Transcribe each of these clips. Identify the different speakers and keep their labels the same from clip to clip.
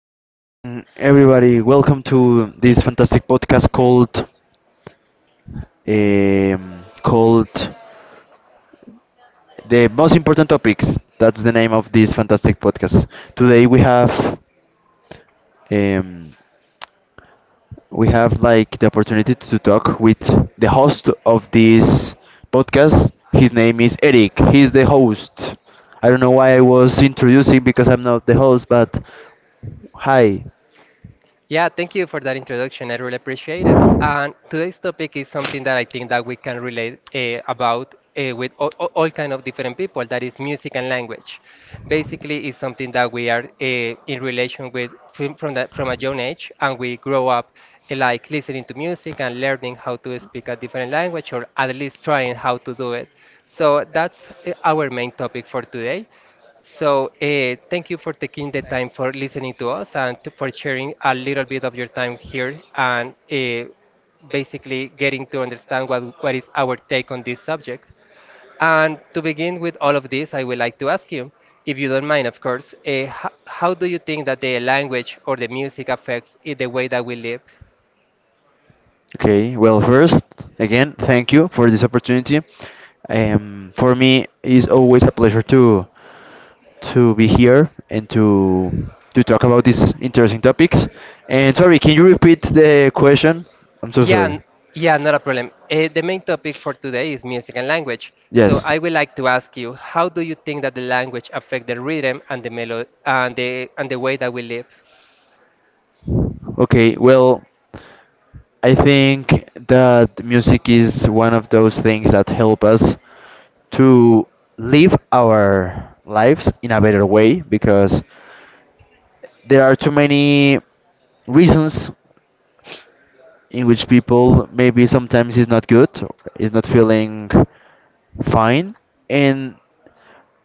Speaker 1: morning, everybody. Welcome to this fantastic podcast called called the most important topics. That's the name of this fantastic podcast. Today um, we have like the opportunity to talk with the host of this podcast. His name is Eric. He's the host. I don't know why I was introducing because I'm not the host, but hi. Okay, well, first, again, thank you for this opportunity. For me, it's always a pleasure to be here and to talk about these interesting topics. And sorry, can you repeat the question? I'm so sorry. Yes. Okay, well, I think that music is one of those things that help us to live our lives in a better way because there are too many reasons in which people maybe sometimes is not good or is not feeling fine. And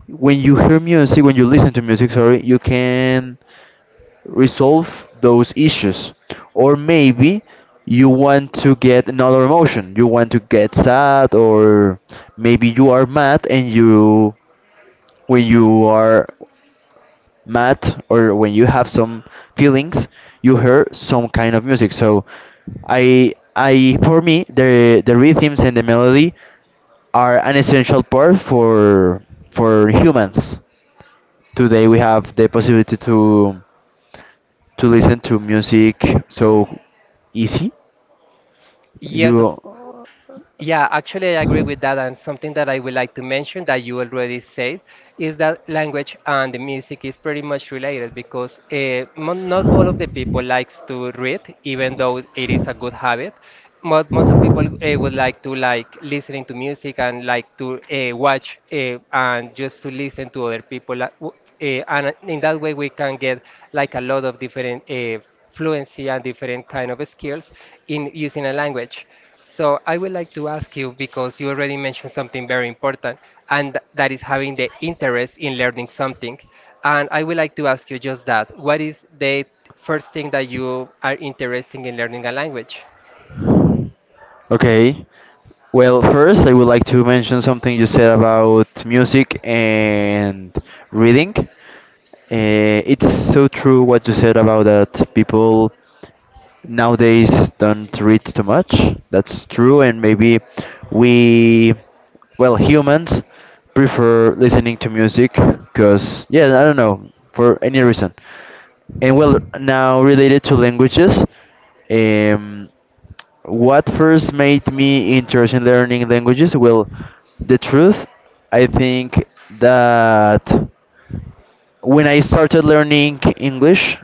Speaker 1: when you hear music, when you listen to music, sorry, you can resolve those issues. Or maybe you want to get another emotion. You want to get sad, or maybe you are mad, and you, when you are mad or when you have some feelings, you hear some kind of music. So, for me, the rhythms and the melody are an essential part for humans. Today we have the possibility to listen to music so easy? You okay? Well, first I would like to mention something you said about music and reading. It's so true what you said about that people nowadays don't read too much. That's true, and maybe we, well, humans prefer listening to music because, yeah, I don't know, for any reason. And well, now related to languages, um, what first made me interested in learning languages? Well, the truth, I think that when I started learning English,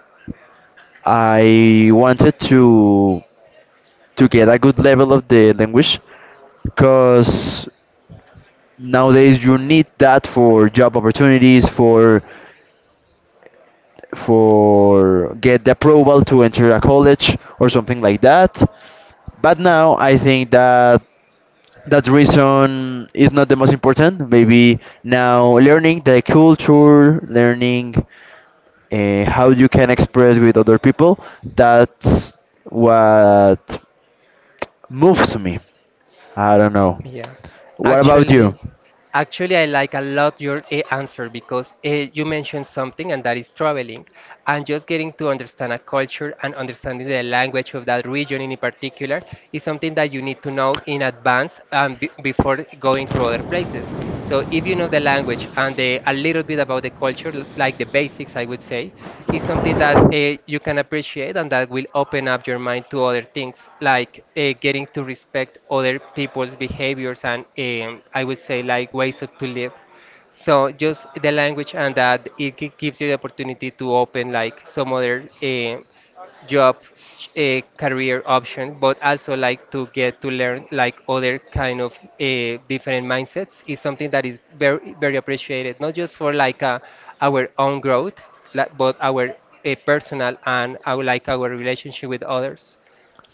Speaker 1: I wanted to get a good level of the language, because nowadays you need that for job opportunities, for get the approval to enter a college or something like that. But now I think that that reason is not the most important. Maybe now learning the culture, learning how you can express with other people, that's what moves me. I don't know, what about you?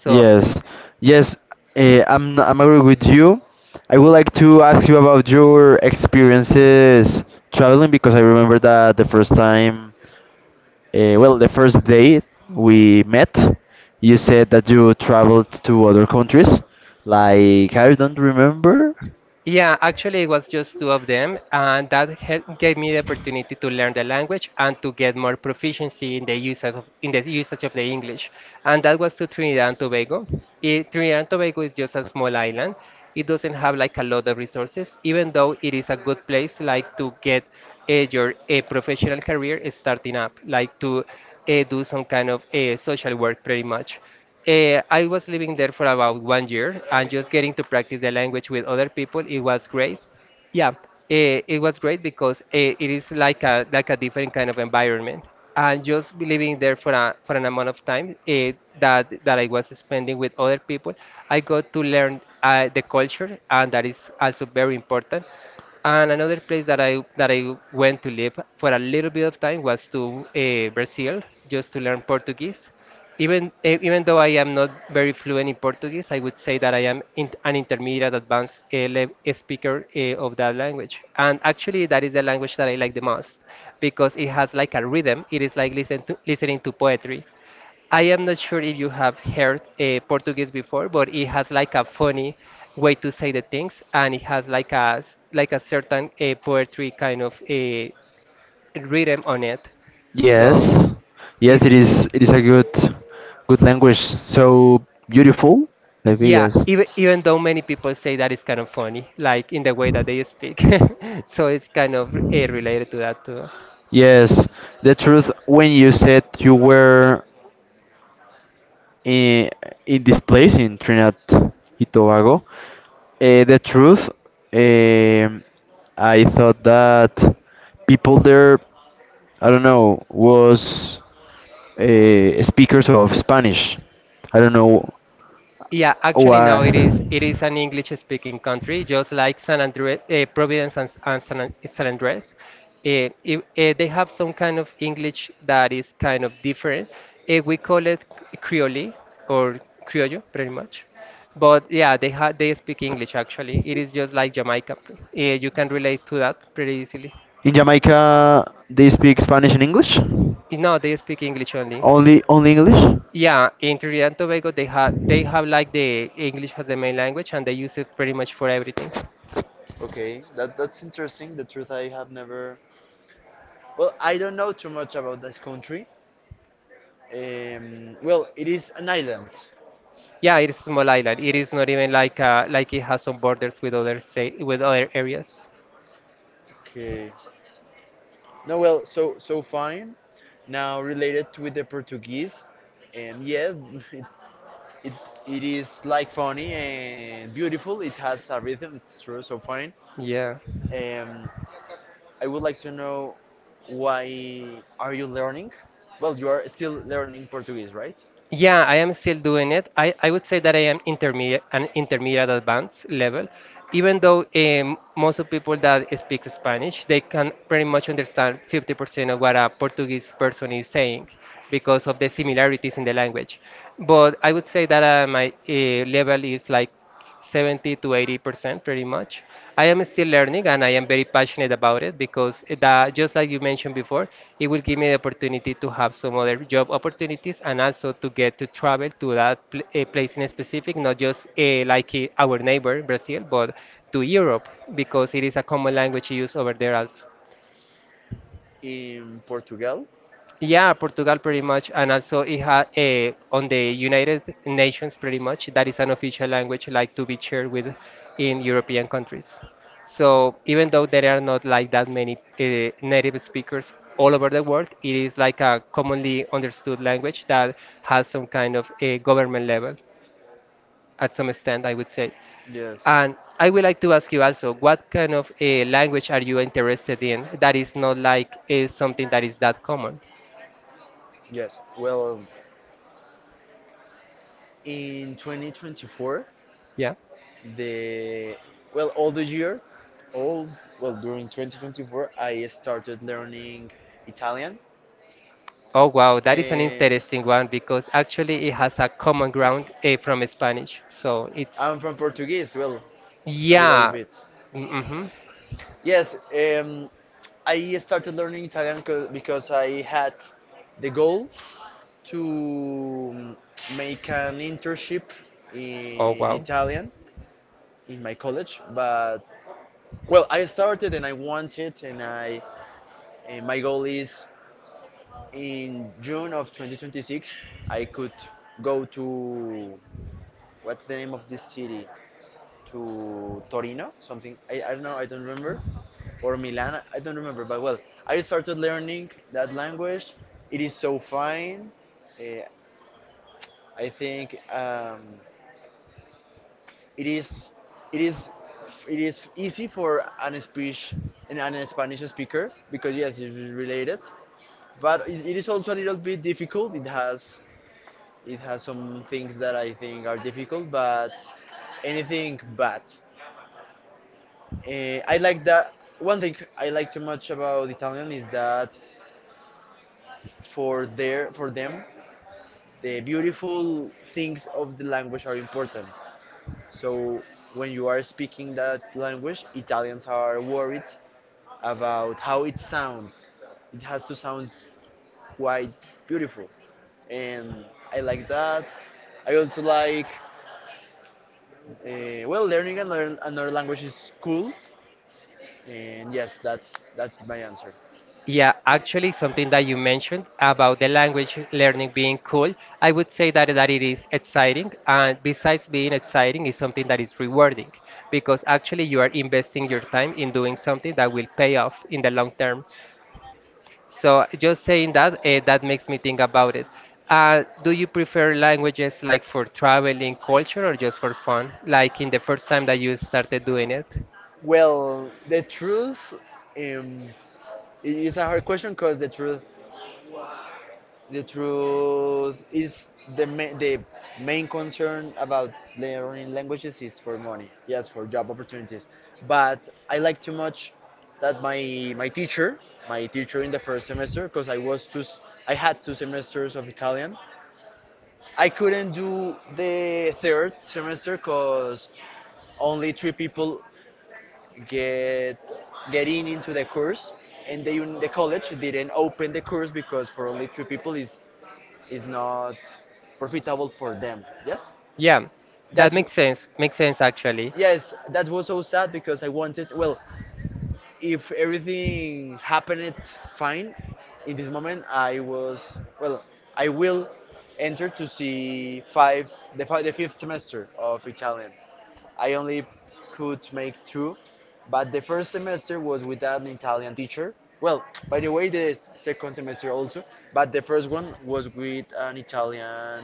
Speaker 1: Yes, yes, I'm agree with you. I would like to ask you about your experiences traveling, because I remember that the first time, well, the first day we met, you said that you traveled to other countries. Like, I don't remember. Yes, yes, it is. It is a good, good language. So beautiful, maybe. Yes. Yes, the truth, when you said you were in, in this place in Trinidad and Tobago. The truth, um, I thought that people there, I don't know, was speakers of Spanish. I don't know why? In Jamaica, they speak Spanish and English? Only English? Okay, that's interesting. The truth, I have never. Well, I don't know too much about this country. Well, it is an island. Okay. No, well, so so fine. Now related with the Portuguese, yes, it, it it is like funny and beautiful. It has a rhythm. It's true. So fine. Um, I would like to know why are you learning? Well, you are still learning Portuguese, right? In Portugal? At some extent, I would say. Yes. And I would like to ask you also, what kind of language are you interested in that is not like in something that is not? Yes. Well, in 2024, the well, all the year, all well, during 2024, I started learning Italian. Eh, I'm from Portuguese, well, a little bit. Yes, I started learning Italian because I had the goal to make an internship in Italian in my college. But well, I started and I wanted, and my goal is in June of 2026, I could go to what's the name of this city? To Torino, something, I don't know, I don't remember, or Milan, I don't remember. But well, I started learning that language. It is so fine. Uh, I think it is it is it is easy for an speech and an Spanish speaker because yes, it is related, but it is also a little bit difficult. It has some things that I think are difficult, but anything bad. I like that. One thing I like too much about Italian is that for them the beautiful things of the language are important. So when you are speaking that language, Italians are worried about how it sounds. It has to sound quite beautiful, and I like that. I also like well, learning another language is cool, and yes, that's my answer. Well, the truth, um, is a hard question because the truth is the main concern about learning languages is for money. Yes, for job opportunities. But I like too much that my teacher, my teacher in the first semester, because I had two semesters of Italian. I couldn't do the third semester because only three people get get in into the course, and the college didn't open the course because for only three people is not profitable for them. Yes, that's yes, that was so sad because I wanted, well, if everything happened fine, in this moment I was, well, I will enter to see five the fifth semester of Italian. I only could make two. But the first semester was without an Italian teacher. Well, by the way, the second semester also. But the first one was with an Italian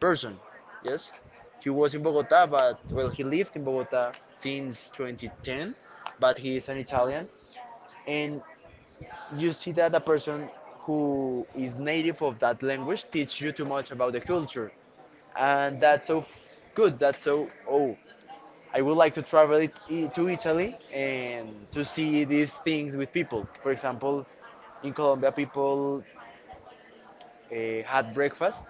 Speaker 1: person. Yes, he was in Bogota, but well, he lived in Bogota since 2010, but he is an Italian. And you see that a person who is native of that language teach you too much about the culture, and that's so good, that's so, oh, I would like to travel to Italy and to see these things with people. For example, in Colombia people had breakfast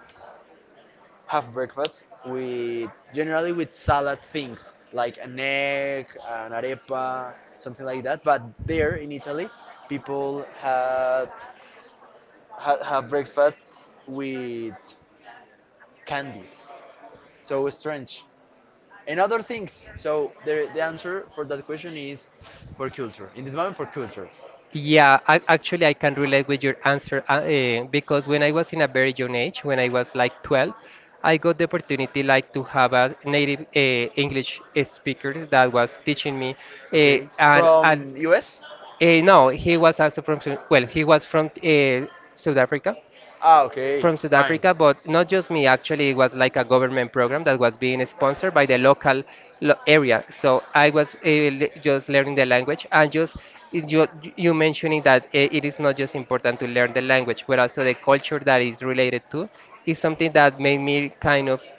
Speaker 1: have breakfast with, generally, with salad things, like an egg, an arepa, something like that. But there in Italy people have breakfast with candies. So strange. And other things. So the answer for that question is for culture. In this moment, for culture. Okay. From US? Ah, okay. Fine. That makes,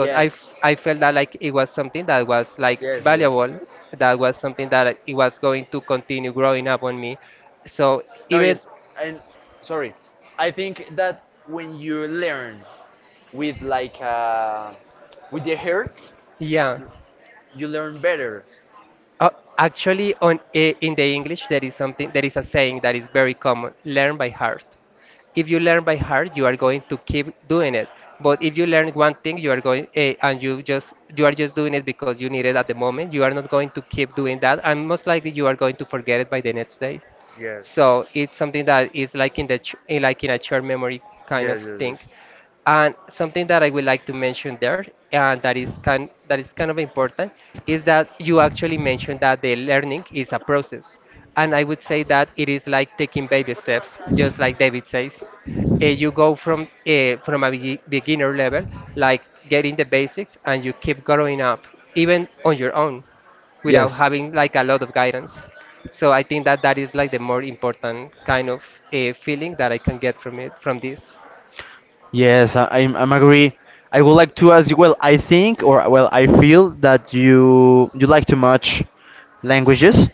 Speaker 1: yes. Yes, yes. No, yes. And sorry. I think that when you learn with like with the hurt, you learn better. Yes. Yes, yes, yes. Yes. Yes, I'm agree. I would like to ask you. Well, I think, or well, I feel that you like to much languages,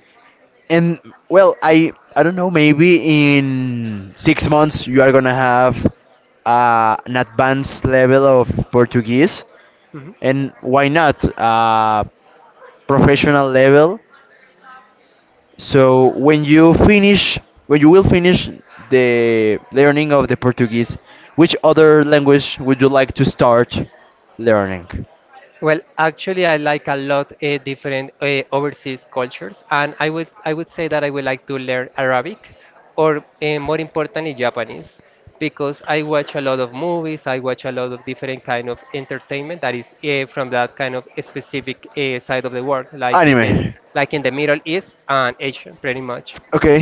Speaker 1: and well, I don't know. Maybe in 6 months you are gonna have an advanced level of Portuguese, and why not professional level? So when you finish, when you will finish the learning of the Portuguese, which other language would you like to start learning? Anime. Okay.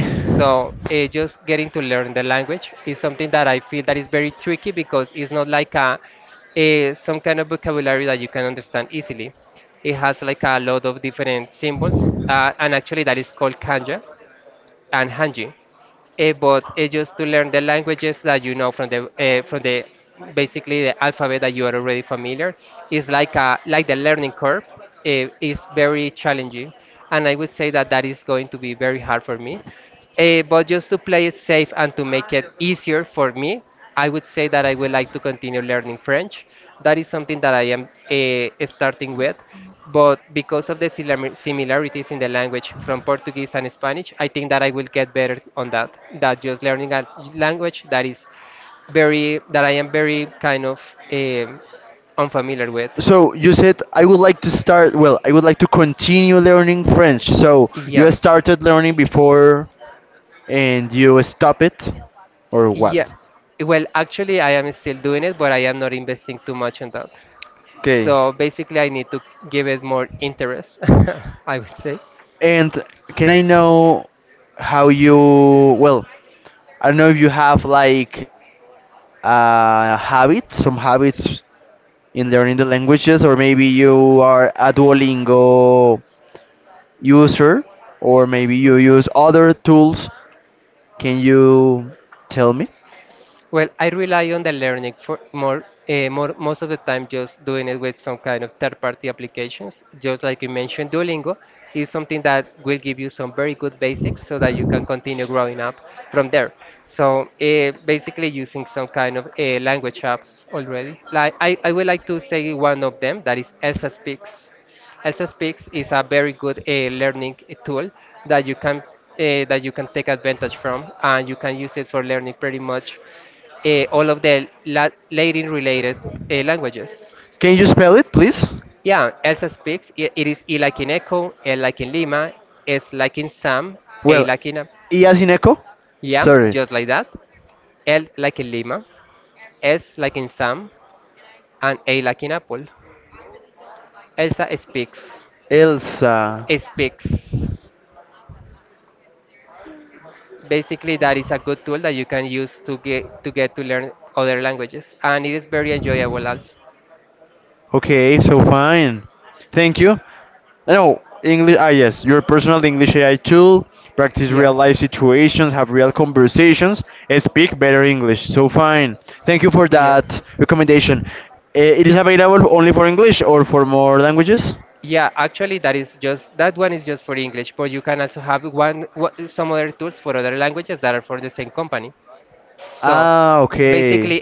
Speaker 1: So you said I would like to start. Well, I would like to continue learning French. So you started learning before, and you stop it, or what? Okay. And can I know how you, well, I don't know if you have like a habit, some habits in learning the languages, or maybe you are a Duolingo user, or maybe you use other tools. Can you tell me? Can you spell it, please? Well, E as in echo? Sorry. Elsa. Okay, so fine. Thank you. No, English. Ah, yes, your personal English AI tool. Practice real life situations, have real conversations, and speak better English. So fine. Thank you for that recommendation. It is available only for English or for more languages? Ah, okay.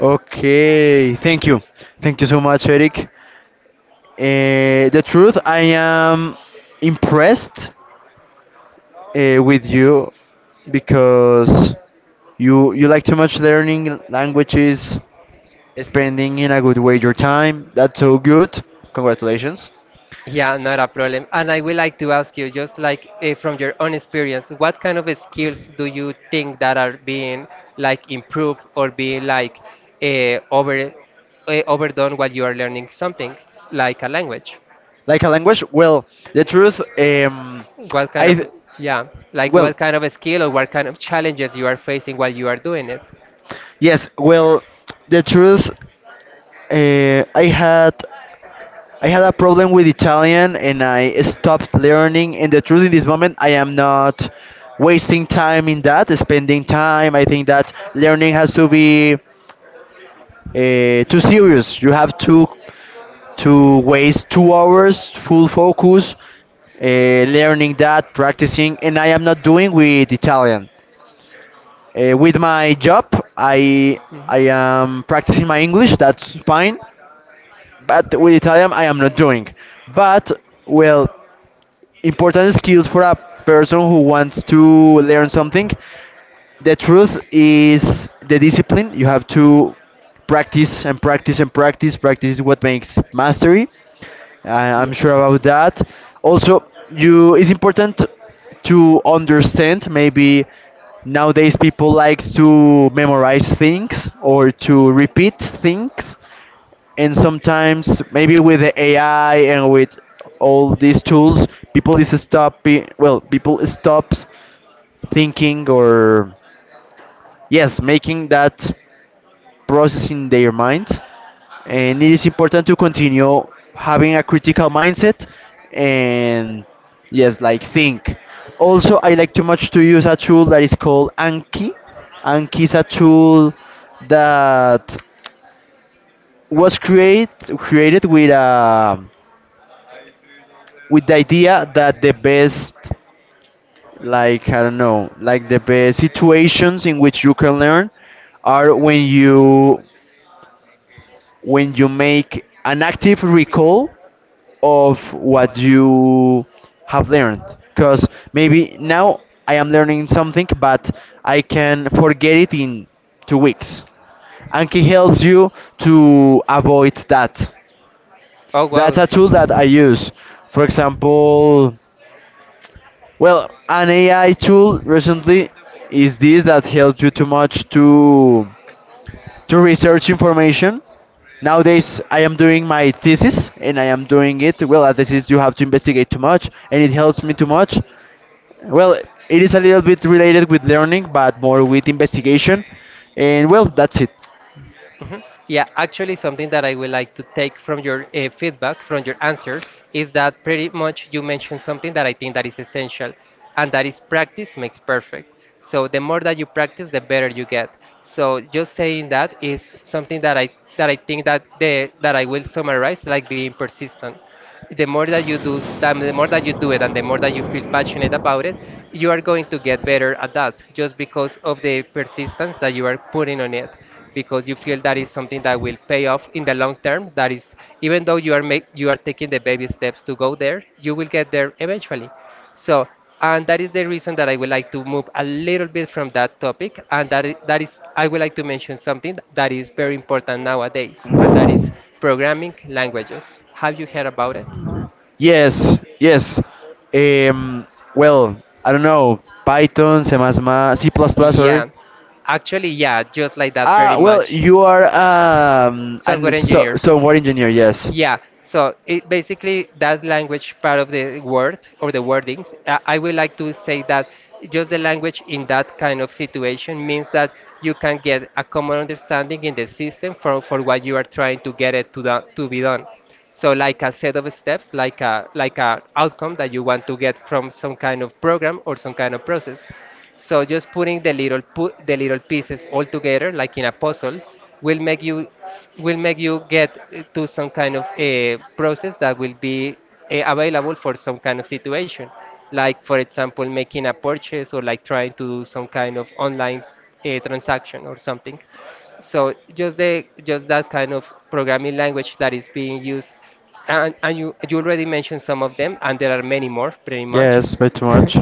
Speaker 1: Okay. Thank you. Thank you so much, Eric. The truth, I am impressed with you because you like too much learning languages, spending in a good way your time. That's so good. Congratulations. Like a language? Well, the truth, I th- well, yes. Well, the truth, uh, I had I had a problem with Italian and I stopped learning. And the truth, in this moment, I am not wasting time in that, spending time. I think that learning has to be too serious. You have to waste 2 hours full focus learning that, practicing, and I am not doing with Italian. With my job, I I am practicing my English. That's fine, but with Italian, I am not doing. But well, important skills for a person who wants to learn something. The truth is the discipline. You have to practice and practice and practice. Practice is what makes mastery. I'm sure about that. Also, you it's important to understand. Maybe nowadays people likes to memorize things or to repeat things, and sometimes maybe with the AI and with all these tools, people is stopping. Well, people stops thinking or yes, making that process in their mind, and it is important to continue having a critical mindset and yes, like think. Also, I like too much to use a tool that is called Anki. Anki is a tool that was create created with a with the idea that the best like I don't know like the best situations in which you can learn are when you make an active recall of what you have learned because maybe now I am learning something but I can forget it in 2 weeks. Anki helps you to avoid that. That's a tool that I use for example. An AI tool recently is this that helps you too much to research information. Nowadays, I am doing my thesis and I am doing it. Well, a thesis you have to investigate too much, and it helps me too much. Well, it is a little bit related with learning, but more with investigation. And well, that's it. Yes, yes. Um, well, I don't know Python, C++, C++, sorry. Ah, well, you are an software engineer, yes. Yes, very much.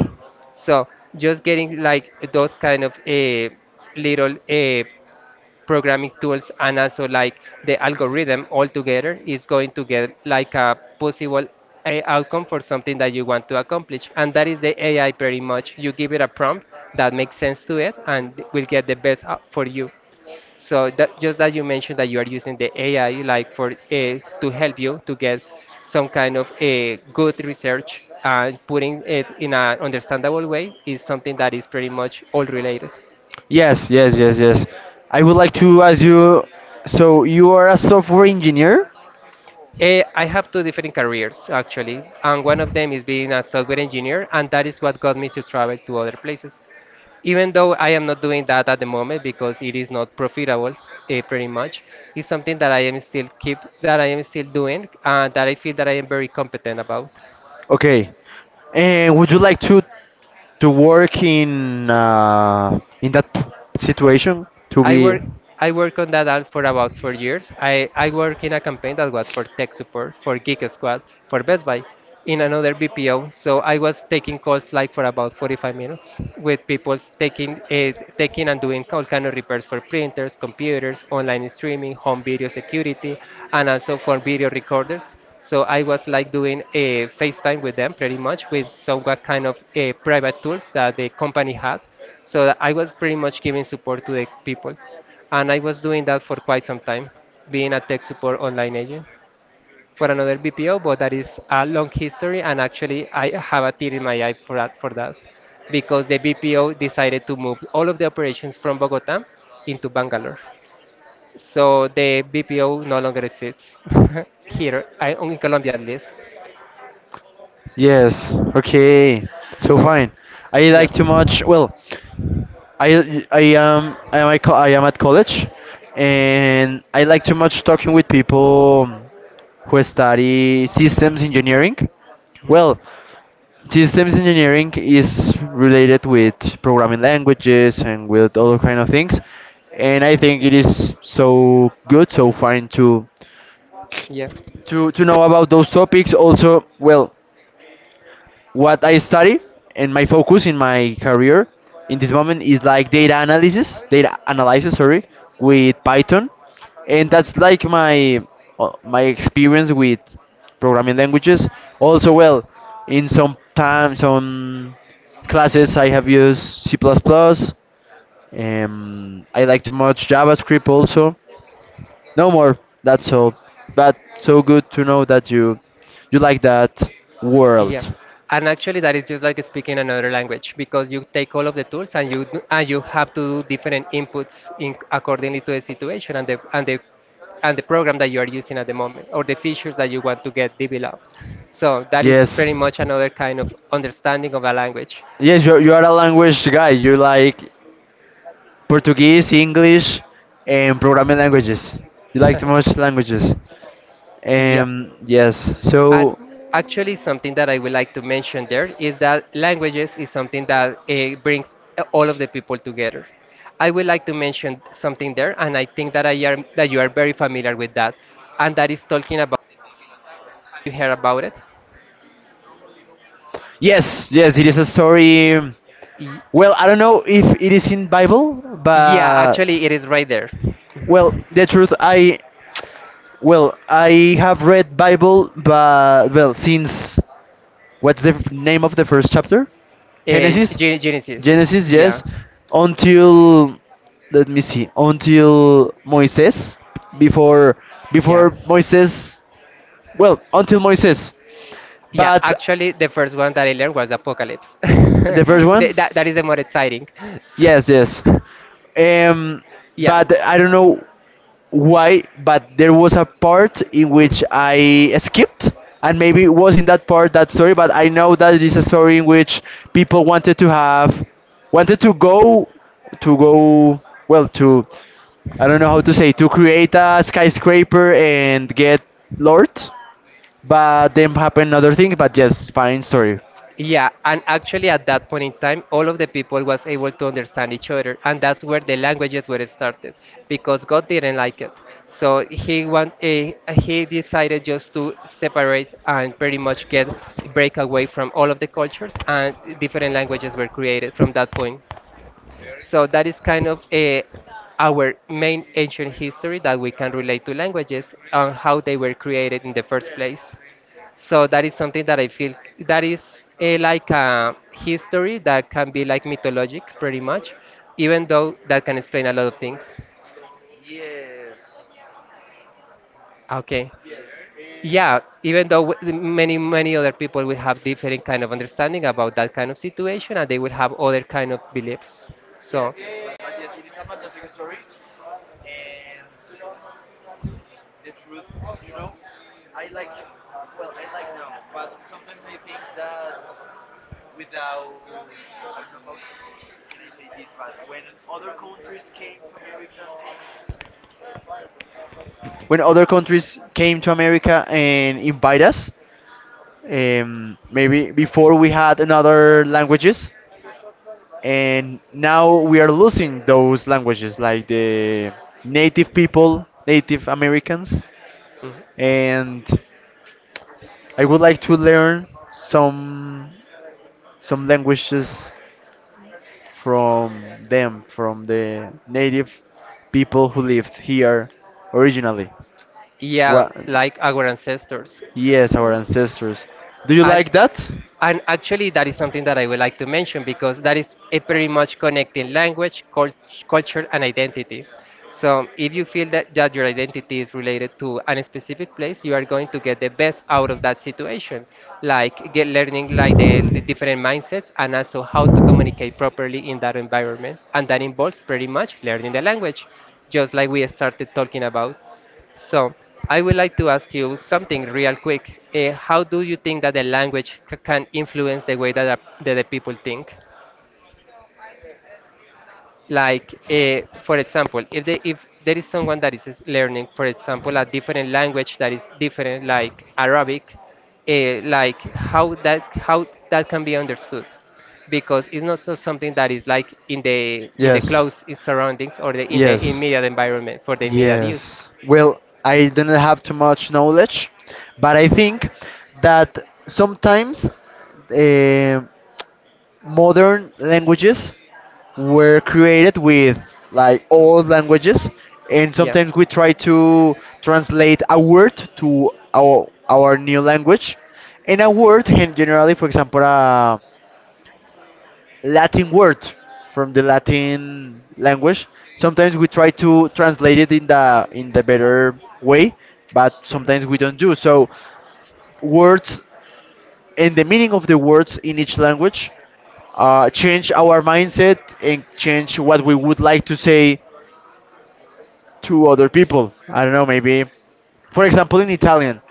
Speaker 1: Yes, yes, yes, yes. I would like to ask you, so you are a software engineer? Okay. And would you like to work in that situation to be? Yes. Okay. So fine. I like too much. Well, I am at co- I am at college, and I like too much talking with people who study systems engineering. Well, systems engineering is related with programming languages and with other kind of things and I think it is so good so fine to to know about those topics also well what I study and my focus in my career in this moment is like data analysis, sorry, with Python, and that's like my my experience with programming languages. Also, well, in some time, some classes I have used C++. Plus plus. I like to much JavaScript also. No more. That's all. But so good to know that you like that world. Yes. Yes, you're a language guy. You like Portuguese, English, and programming languages. You like the most languages. Yes. So,
Speaker 2: You hear about it?
Speaker 1: yes, yes, it is a story.
Speaker 2: Y-
Speaker 1: Well, I don't know if it is in Bible,
Speaker 2: yeah,
Speaker 1: but
Speaker 2: actually, it is right there.
Speaker 1: well,
Speaker 2: Mhm.
Speaker 1: the truth, I well, I have read Bible, but well, since what's the f- name of the first chapter?
Speaker 2: Eh,
Speaker 1: Genesis?
Speaker 2: Genesis.
Speaker 1: Genesis,
Speaker 2: Yeah,
Speaker 1: yes. Until let me see. Until Moises before before
Speaker 2: yeah.
Speaker 1: Moises, well, until Moises.
Speaker 2: Yeah,
Speaker 1: But
Speaker 2: actually, the first one that I learned was Apocalypse.
Speaker 1: the first one?
Speaker 2: That is the more exciting.
Speaker 1: Yes, yes.
Speaker 2: So-
Speaker 1: Um
Speaker 2: yeah.
Speaker 1: but I don't know why, but there was a part in which
Speaker 2: Mhm.
Speaker 1: I skipped, and maybe it
Speaker 2: Mhm.
Speaker 1: was in that part that story. But I know that it is a story in which people wanted to have, wanted to go, well, to, I don't know how to say, to create a skyscraper and get Lord, but then happened other things. But yes, fine story.
Speaker 2: Yeah, and actually at that point in time, all of the people was able to understand each other, and that's where the languages were started, because God didn't like it. So he want he decided just to separate and pretty much get break away from all of the cultures, and different languages were created from that point. So that is kind of our main ancient history that we can relate to languages and how they were created in the first place. So that is something that I feel that is like a history that can be like mythologic pretty much, even though that can explain a lot of things. Okay. Yeah, even though many other people will have different kind of understanding about that kind of situation and they will have other kind of beliefs. So,
Speaker 1: When other countries came to America and invite us, maybe before we had another languages and now we are losing those languages like the native people native Americans
Speaker 2: mhm,
Speaker 1: and I would like to learn some languages from them from the native people who lived here originally.
Speaker 2: yeah,
Speaker 1: What?
Speaker 2: like our ancestors.
Speaker 1: Yes, our ancestors. Do you
Speaker 2: And
Speaker 1: like that?
Speaker 2: and actually, that is something that I would like to mention because that is a pretty much connecting language, culture, and identity. So, if you feel that your identity is related to a specific place, you are going to get the best out of that situation. Like get learning like the different mindsets and also how to communicate properly in that environment. And that involves pretty much learning the language, just like we started talking about. So, I would like to ask you something real quick. How do you think that the language can influence the way that the people think? Like, for example, if there is someone that is learning, for example, a different language that is different, like Arabic, like how that can be understood, because it's not just something that is like in the close surroundings or the in the immediate environment for the immediate use.
Speaker 1: Yes. Well, I don't have too much knowledge, but I think that sometimes. um Modern languages were created with like old languages and sometimes we try to translate a word to our new language and a word and generally for example a Latin word from the Latin language sometimes we try to translate it in the better way but sometimes we don't do so words and the meaning of the words in each language change our mindset and change what we would like to say to other people. I don't know, maybe, for example, in Italian,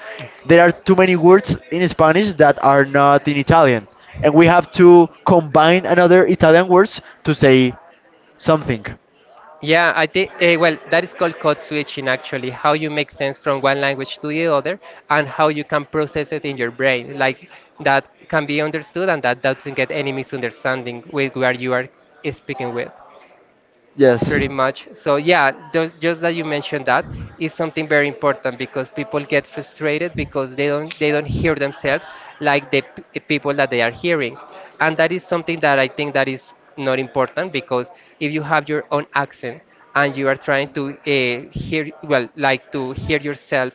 Speaker 1: there are too many words in Spanish that are not in Italian, and we have to combine another Italian words to say something.
Speaker 2: Yeah, I think well, that is called code switching actually, how you make sense from one language to the other and how you can process it in your brain. Like that can be understood and that doesn't get any misunderstanding with where you are speaking with.
Speaker 1: Yes.
Speaker 2: Pretty much. So yeah, just that you mentioned that is something very important because people get frustrated because they don't hear themselves like the people that they are hearing, and that is something that I think that is not important because if you have your own accent and you are trying to hear well like to hear yourself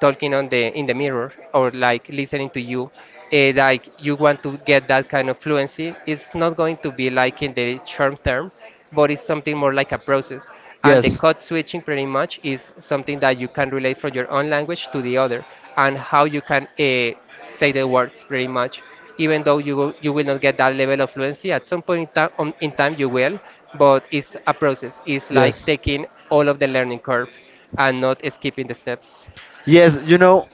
Speaker 2: talking on the in the mirror or like listening to you, like you want to get that kind of fluency. It's not going to be like in the short term, but it's something more like a process, and the code switching pretty much is something that you can relate from your own language to the other and how you can say the words pretty much. Even though you will not get that level of fluency, at some point in time, in time you will, but it's a process. It's like taking all of the learning curve and not skipping the steps.
Speaker 1: Yes, you know,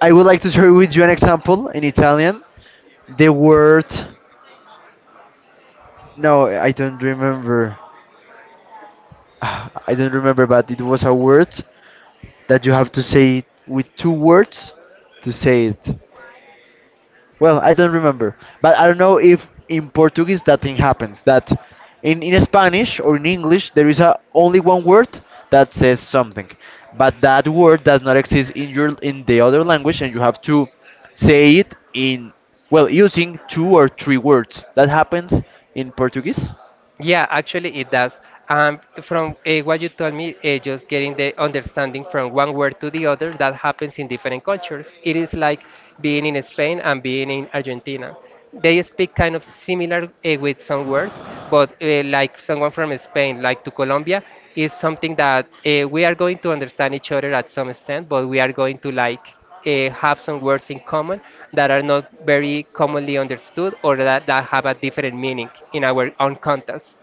Speaker 1: I would like to share with you an example in Italian. The word, no, I don't remember. I don't remember, but it was a word that you have to say with two words to say it. Well, I don't remember, but I don't know if in Portuguese that thing happens. That in Spanish or in English there is a, only one word that says something, but that word does not exist in your in the other language, and you have to say it in well using two or three words. That happens in Portuguese.
Speaker 2: Yeah, actually it does. From what you told me, just getting the understanding from one word to the other, that happens in different cultures. It is like being in Spain and being in Argentina. They speak kind of similar with some words, but like someone from Spain, like to Colombia, is something that we are going to understand each other at some extent, but we are going to like have some words in common that are not very commonly understood or that have a different meaning in our own context.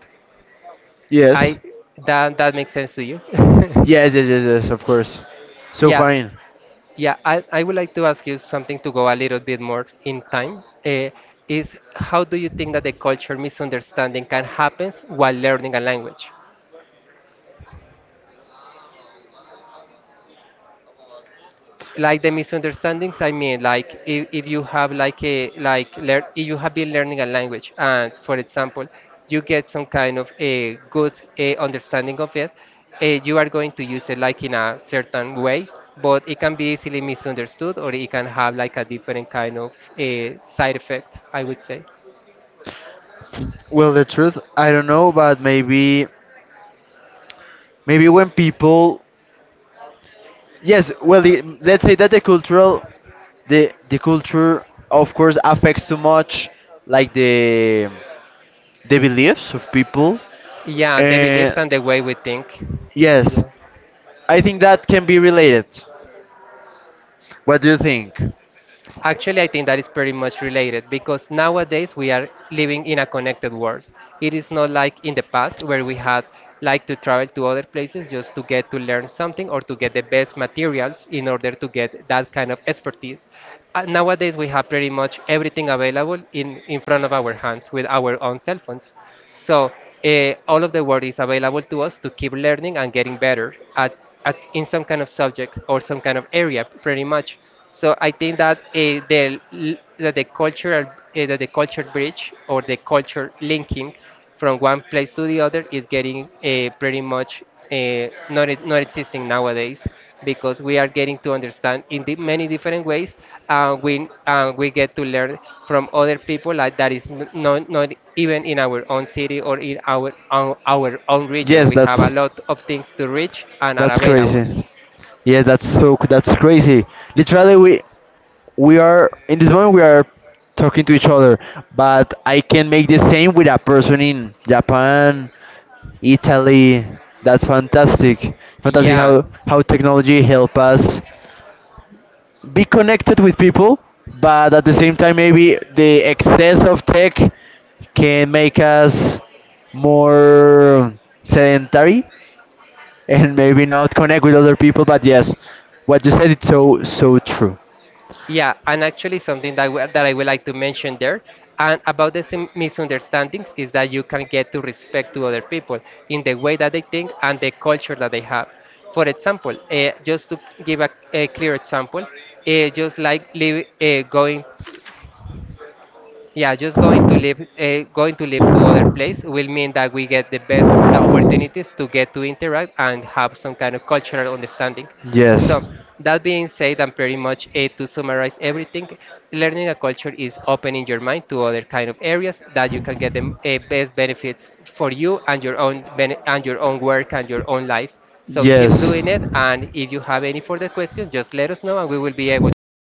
Speaker 1: Yes,
Speaker 2: I That that makes sense to you?
Speaker 1: yes, yes, yes, yes. Of course. So
Speaker 2: Yeah,
Speaker 1: fine.
Speaker 2: yeah. I would like to ask you something to go a little bit more in time. Is how do you think that the culture misunderstanding can happen while learning a language? Like the misunderstandings I mean, like if you have like a like if you have been learning a language and for example you get some kind of a good a understanding of it. You are going to use it like in a certain way, but it can be easily misunderstood or it can have like a different kind of a side effect, I would say.
Speaker 1: Well, the truth, I don't know, but maybe maybe when people yes, well, the, let's say that the cultural, the culture, of course, affects too much, like the beliefs of people,
Speaker 2: Yeah, the beliefs
Speaker 1: and
Speaker 2: and the way we think.
Speaker 1: yes,
Speaker 2: Yeah.
Speaker 1: I think that can be related. What do you think?
Speaker 2: Actually, I think that is pretty much related because nowadays we are living in a connected world. It is not like in the past where we had like to travel to other places just to get to learn something or to get the best materials in order to get that kind of expertise. Nowadays we have pretty much everything available in front of our hands with our own cell phones. So all of the world is available to us to keep learning and getting better at in some kind of subject or some kind of area, pretty much. So I think that that the cultural that the culture bridge or the culture linking from one place to the other is getting pretty much not existing nowadays because we are getting to understand in the many different ways, and we get to learn from other people like that is not even in our own city or in our own region.
Speaker 1: Yes,
Speaker 2: We have a lot of things to reach and are
Speaker 1: that's
Speaker 2: available.
Speaker 1: crazy. Yes, that's so c- that's crazy. Literally, we are in this moment we are talking to each other, but I can make the same with a person in Japan, Italy. That's fantastic. Fantastic
Speaker 2: Yeah.
Speaker 1: how technology help us be connected with people, but at the same time maybe the excess of tech can make us more sedentary and maybe not connect with other people. But yes, what you said it's so so true.
Speaker 2: Yeah, and actually something that that I would like to mention there, and about the misunderstandings, is that you can get to respect to other people in the way that they think and the culture that they have. For example, just to give a clear example, just like live, going yeah, just going to live to other place will mean that we get the best opportunities to get to interact and have some kind of cultural understanding.
Speaker 1: Yes.
Speaker 2: So that being said, and pretty much it to summarize everything, learning a culture is opening your mind to other kind of areas that you can get the best benefits for you and your own and your own work and your own life. So keep
Speaker 1: Yes.
Speaker 2: doing it, and if you have any further questions, just let us know, and we will be able to reply.